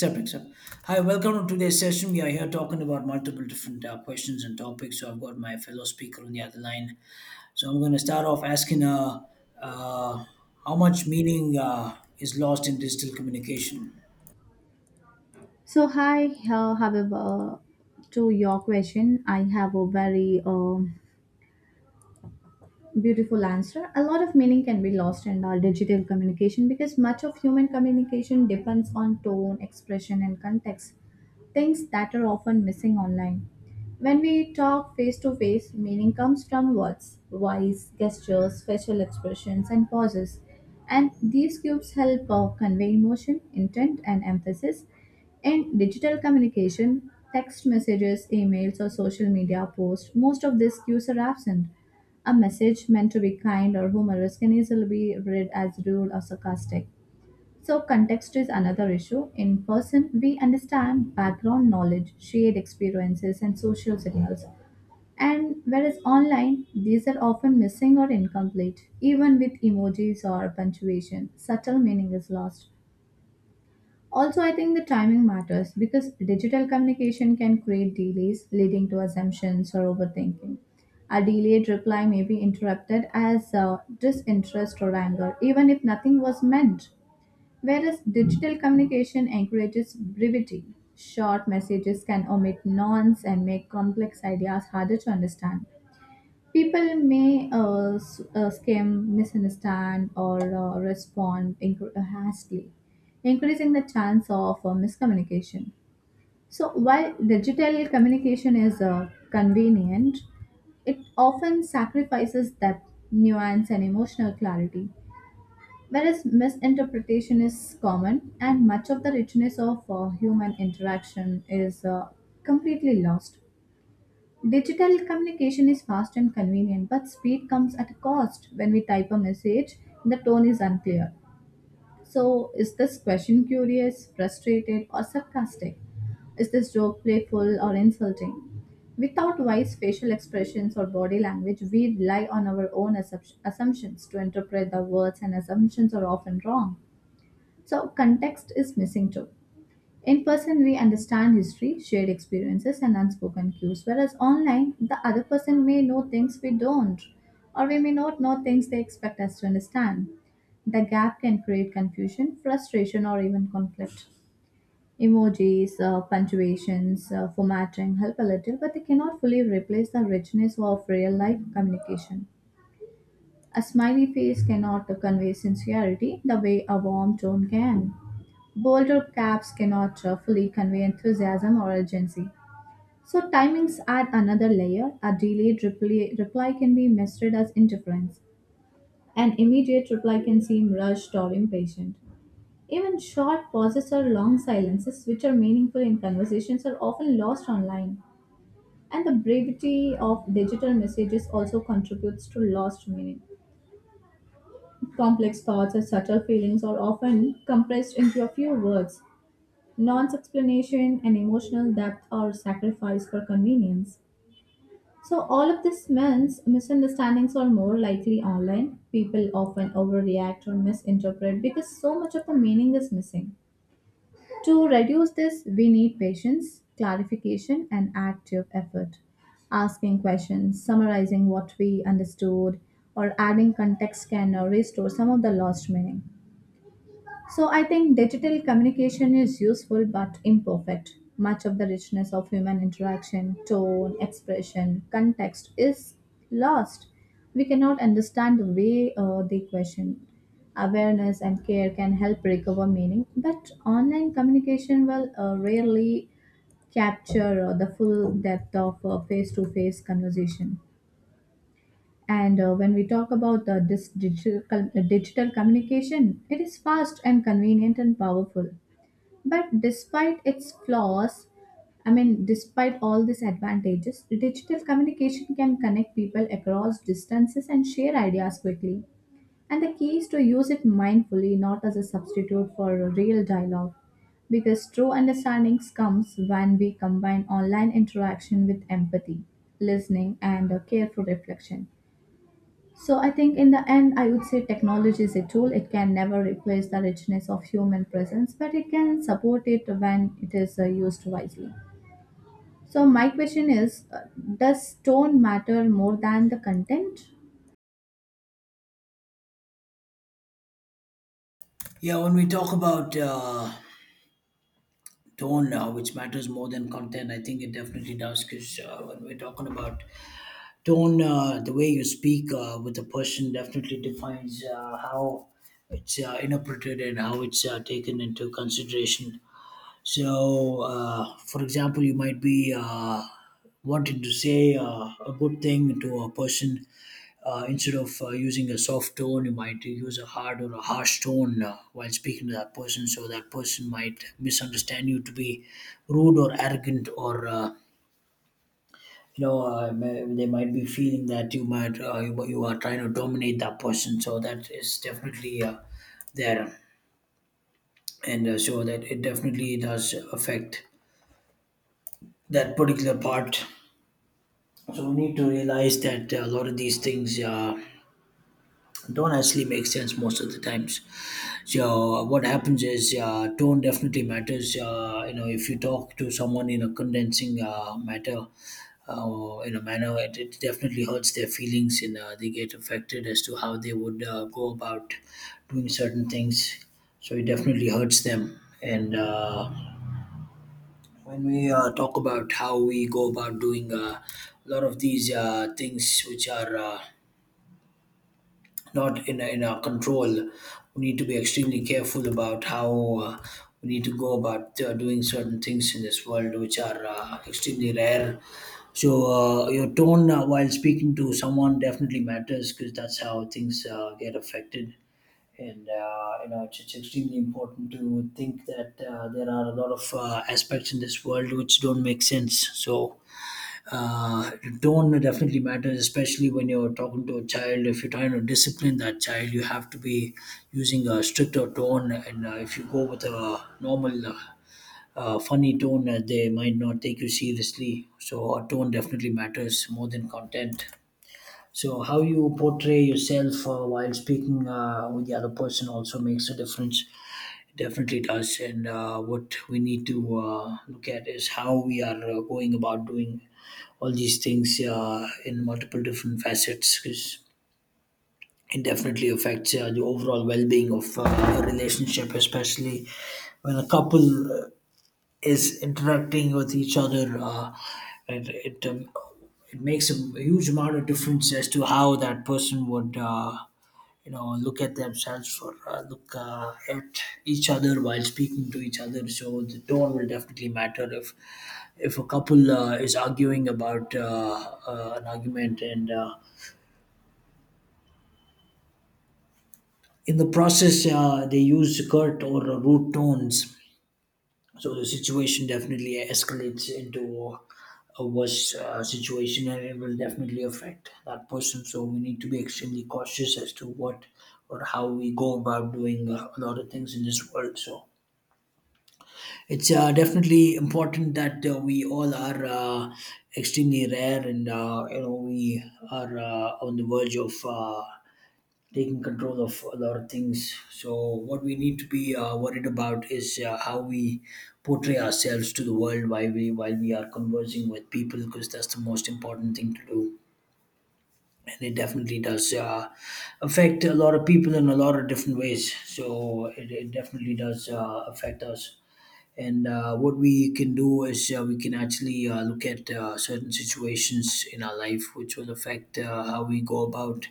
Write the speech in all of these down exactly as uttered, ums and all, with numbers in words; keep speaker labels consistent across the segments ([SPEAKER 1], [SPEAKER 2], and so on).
[SPEAKER 1] Except, except. Hi, welcome to today's session. We are here talking about multiple different uh, questions and topics. So I've got my fellow speaker on the other line. So I'm going to start off asking, uh, uh, how much meaning uh, is lost in digital communication?
[SPEAKER 2] So, hi, uh, however, to your question, I have a very um beautiful answer. A lot of meaning can be lost in our digital communication because much of human communication depends on tone, expression, and context, things that are often missing online. When we talk face to face, meaning comes from words, voice, gestures, facial expressions, and pauses. And these cubes help uh, convey emotion, intent, and emphasis. In digital communication, text messages, emails, or social media posts, most of these cues are absent. A message meant to be kind or humorous can easily be read as rude or sarcastic. So, context is another issue. In person, we understand background knowledge, shared experiences, and social signals. And whereas online, these are often missing or incomplete, even with emojis or punctuation. Subtle meaning is lost. Also, I think the timing matters because digital communication can create delays leading to assumptions or overthinking. A delayed reply may be interrupted as uh, disinterest or anger, even if nothing was meant. Whereas digital communication encourages brevity. Short messages can omit nonce and make complex ideas harder to understand. People may uh, s- uh, skim, misunderstand, or uh, respond inc- hastily, increasing the chance of uh, miscommunication. So, while digital communication is uh, convenient, it often sacrifices depth, nuance, and emotional clarity. Whereas misinterpretation is common, and much of the richness of uh, human interaction is uh, completely lost. Digital communication is fast and convenient, but speed comes at a cost. When we type a message, the tone is unclear. So, is this question curious, frustrated, or sarcastic? Is this joke playful or insulting? Without wise facial expressions or body language, we rely on our own assup- assumptions to interpret the words, and assumptions are often wrong. So, context is missing too. In person, we understand history, shared experiences, and unspoken cues, whereas online, the other person may know things we don't, or we may not know things they expect us to understand. The gap can create confusion, frustration, or even conflict. Emojis, uh, punctuations, uh, formatting help a little, but they cannot fully replace the richness of real life communication. A smiley face cannot convey sincerity the way a warm tone can. Bolder caps cannot uh, fully convey enthusiasm or urgency. So timings add another layer. A delayed reply, reply can be misread as interference. An immediate reply can seem rushed or impatient. Even short pauses or long silences, which are meaningful in conversations, are often lost online. And the brevity of digital messages also contributes to lost meaning. Complex thoughts or subtle feelings are often compressed into a few words. Nonce explanation, and emotional depth are sacrificed for convenience. So, all of this means misunderstandings are more likely online. People often overreact or misinterpret because so much of the meaning is missing. To reduce this, we need patience, clarification, and active effort. Asking questions, summarizing what we understood, or adding context can uh, restore some of the lost meaning. So I think digital communication is useful but imperfect. Much of the richness of human interaction, tone, expression, context is lost. We cannot understand the way uh, they question. Awareness and care can help recover meaning, but online communication will uh, rarely capture uh, the full depth of uh, face-to-face conversation. And uh, when we talk about uh, this digital, com- uh, digital communication, it is fast and convenient and powerful. But despite its flaws, I mean, despite all these advantages, digital communication can connect people across distances and share ideas quickly. And the key is to use it mindfully, not as a substitute for a real dialogue. Because true understanding comes when we combine online interaction with empathy, listening, and a careful reflection. So I think in the end, I would say technology is a tool. It can never replace the richness of human presence, but it can support it when it is uh, used wisely. So my question is, uh, does tone matter more than the content?
[SPEAKER 1] Yeah, when we talk about uh, tone, uh, which matters more than content, I think it definitely does. Because uh, when we're talking about tone, uh, the way you speak uh, with a person definitely defines uh, how it's uh, interpreted and how it's uh, taken into consideration. So, uh, for example, you might be uh, wanting to say uh, a good thing to a person. Uh, instead of uh, using a soft tone, you might use a hard or a harsh tone uh, while speaking to that person. So that person might misunderstand you to be rude or arrogant, or uh, you know uh, may- they might be feeling that you might uh, you, you are trying to dominate that person, so that is definitely uh, there. And uh, so that, it definitely does affect that particular part, so we need to realize that uh, a lot of these things uh, don't actually make sense most of the times. So uh, what happens is, uh, tone definitely matters. Uh, you know, if you talk to someone in a condensing uh, matter, uh, in a manner, it, it definitely hurts their feelings, and uh, they get affected as to how they would uh, go about doing certain things. So it definitely hurts them. And uh, when we uh, talk about how we go about doing uh, a lot of these uh, things, which are uh, not in, in our control. We need to be extremely careful about how uh, we need to go about uh, doing certain things in this world, which are uh, extremely rare. So uh, your tone uh, while speaking to someone definitely matters, because that's how things uh, get affected. And uh, you know, it's, it's extremely important to think that uh, there are a lot of uh, aspects in this world which don't make sense. So uh, tone definitely matters, especially when you're talking to a child. If you're trying to discipline that child, you have to be using a stricter tone. And uh, if you go with a normal, uh, uh, funny tone, uh, they might not take you seriously. So, our tone definitely matters more than content. So, how you portray yourself uh, while speaking uh, with the other person also makes a difference. It definitely does. And uh, what we need to uh, look at is how we are uh, going about doing all these things uh, in multiple different facets, because it definitely affects uh, the overall well being of uh, a relationship, especially when a couple uh, is interacting with each other, uh, it it, um, it makes a huge amount of difference as to how that person would uh, you know, look at themselves, or uh, look uh, at each other while speaking to each other. So the tone will definitely matter. If if a couple uh, is arguing about uh, uh, an argument, and uh, in the process uh, they use curt or rude tones, so the situation definitely escalates into a worse uh, situation, and it will definitely affect that person. So we need to be extremely cautious as to what or how we go about doing uh, a lot of things in this world. So it's uh, definitely important that uh, we all are uh, extremely rare, and uh, you know, we are uh, on the verge of Uh, taking control of a lot of things. So, what we need to be uh, worried about is uh, how we portray ourselves to the world while we while we are conversing with people, because that's the most important thing to do. And it definitely does uh, affect a lot of people in a lot of different ways. So, it, it definitely does uh, affect us. And uh, what we can do is, uh, we can actually uh, look at uh, certain situations in our life which will affect uh, how we go about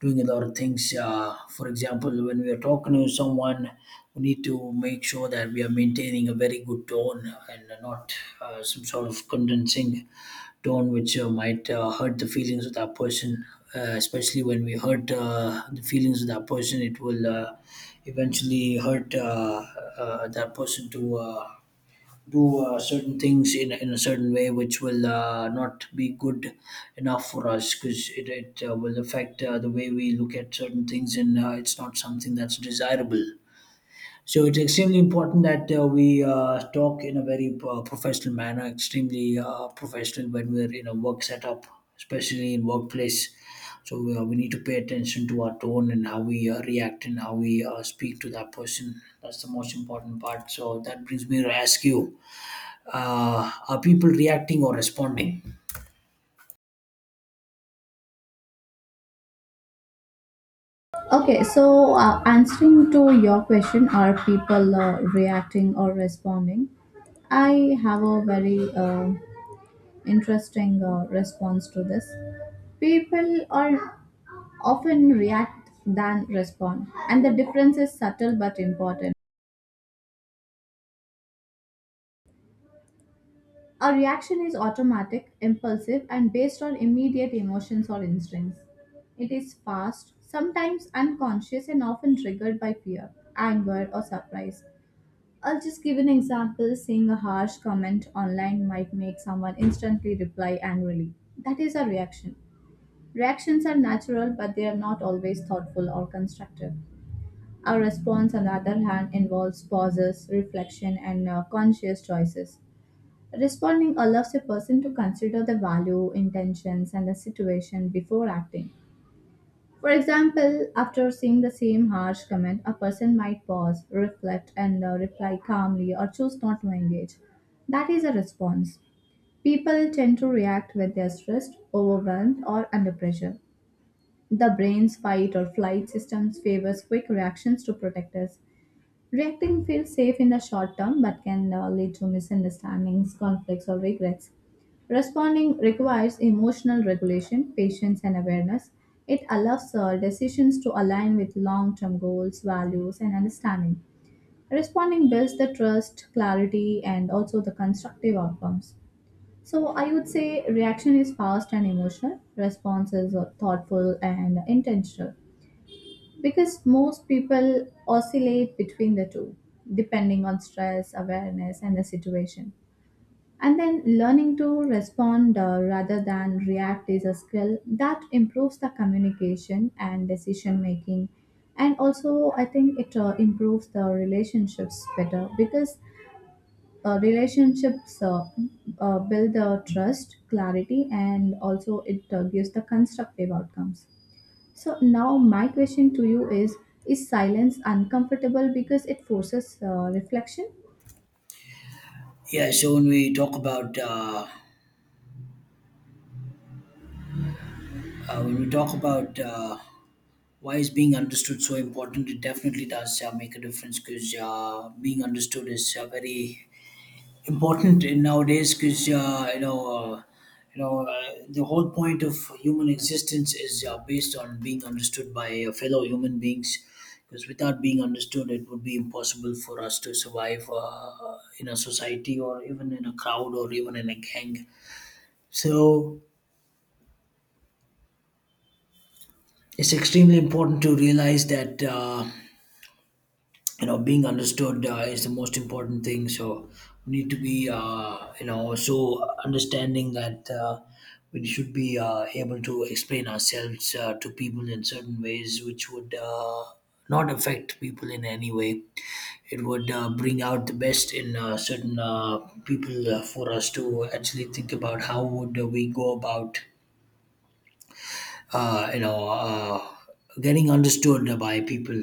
[SPEAKER 1] doing a lot of things. Uh, for example, when we are talking to someone, we need to make sure that we are maintaining a very good tone, and not uh, some sort of condensing tone which uh, might uh, hurt the feelings of that person. Uh, especially when we hurt uh, the feelings of that person, it will uh, eventually hurt uh, uh, that person to Uh, do uh, certain things in, in a certain way, which will uh, not be good enough for us, because it, it uh, will affect uh, the way we look at certain things, and uh, it's not something that's desirable. So it's extremely important that uh, we uh, talk in a very uh, professional manner, extremely uh, professional, when we're in a work setup, especially in workplace. So uh, we need to pay attention to our tone, and how we uh, react, and how we uh, speak to that person. That's the most important part. So that brings me to ask you, uh, are people reacting or responding?
[SPEAKER 2] Okay, so uh, answering to your question, are people uh, reacting or responding? I have a very uh, interesting uh, response to this. People are often react than respond, and the difference is subtle but important. Our reaction is automatic, impulsive, and based on immediate emotions or instincts. It is fast, sometimes unconscious, and often triggered by fear, anger, or surprise. I'll just give an example: seeing a harsh comment online might make someone instantly reply angrily. That is our reaction. Reactions are natural, but they are not always thoughtful or constructive. Our response, on the other hand, involves pauses, reflection, and uh, conscious choices. Responding allows a person to consider the value, intentions, and the situation before acting. For example, after seeing the same harsh comment, a person might pause, reflect, and uh, reply calmly or choose not to engage. That is a response. People tend to react when they are stressed, overwhelmed, or under pressure. The brain's fight or flight systems favors quick reactions to protect us. Reacting feels safe in the short term but can uh, lead to misunderstandings, conflicts, or regrets. Responding requires emotional regulation, patience, and awareness. It allows uh, decisions to align with long term goals, values, and understanding. Responding builds the trust, clarity, and also the constructive outcomes. So, I would say reaction is fast and emotional, response is uh, thoughtful and intentional. Because most people oscillate between the two, depending on stress, awareness, and the situation. And then learning to respond uh, rather than react is a skill that improves the communication and decision making. And also, I think it uh, improves the relationships better because uh, relationships uh, uh, build the trust, clarity, and also it uh, gives the constructive outcomes. So now my question to you is is silence uncomfortable because it forces uh, reflection?
[SPEAKER 1] Yeah, so when we talk about uh, uh, when we talk about uh, why is being understood so important, it definitely does uh, make a difference, because uh, being understood is uh, very important in nowadays, because uh, you know uh, you know uh, the whole point of human existence is uh, based on being understood by uh, fellow human beings, because without being understood it would be impossible for us to survive uh, in a society, or even in a crowd, or even in a gang. So it's extremely important to realize that uh, you know, being understood uh, is the most important thing. So we need to be uh, you know, so understanding that uh, we should be uh, able to explain ourselves uh, to people in certain ways, which would uh, not affect people in any way. It would uh, bring out the best in uh, certain uh, people uh, for us to actually think about how would we go about uh, you know uh, getting understood by people.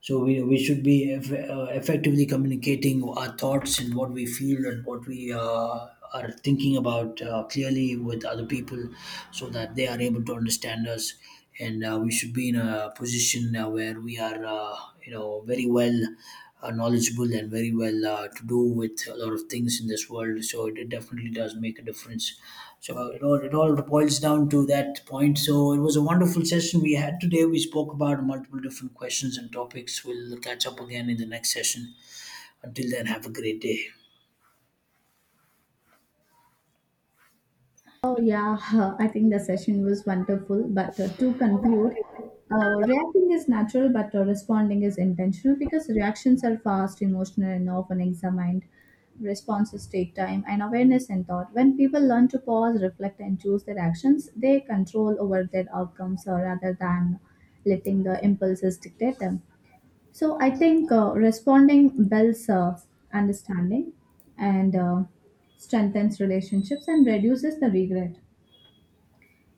[SPEAKER 1] So we, we should be eff- uh, effectively communicating our thoughts, and what we feel, and what we uh, are thinking about uh, clearly with other people, so that they are able to understand us. And uh, we should be in a position uh, where we are uh, you know, very well uh, knowledgeable, and very well uh, to do with a lot of things in this world. So it definitely does make a difference. So it all it all boils down to that point. So it was a wonderful session we had today. We spoke about multiple different questions and topics. We'll catch up again in the next session. Until then, have a great day.
[SPEAKER 2] Oh yeah, I think the session was wonderful but uh, to conclude, uh, reacting is natural but uh, responding is intentional because reactions are fast, emotional and often examined. Responses take time and awareness and thought. When people learn to pause, reflect and choose their actions, they control over their outcomes uh, rather than letting the impulses dictate them. So I think uh, responding builds uh, understanding and uh, strengthens relationships and reduces the regret.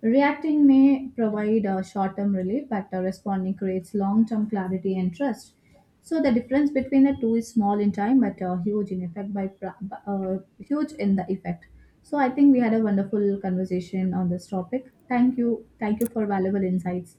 [SPEAKER 2] Reacting may provide a short-term relief, but uh, responding creates long-term clarity and trust. So the difference between the two is small in time, but uh, huge in effect. By pra- b- uh, huge in the effect. So I think we had a wonderful conversation on this topic. Thank you, thank you for valuable insights.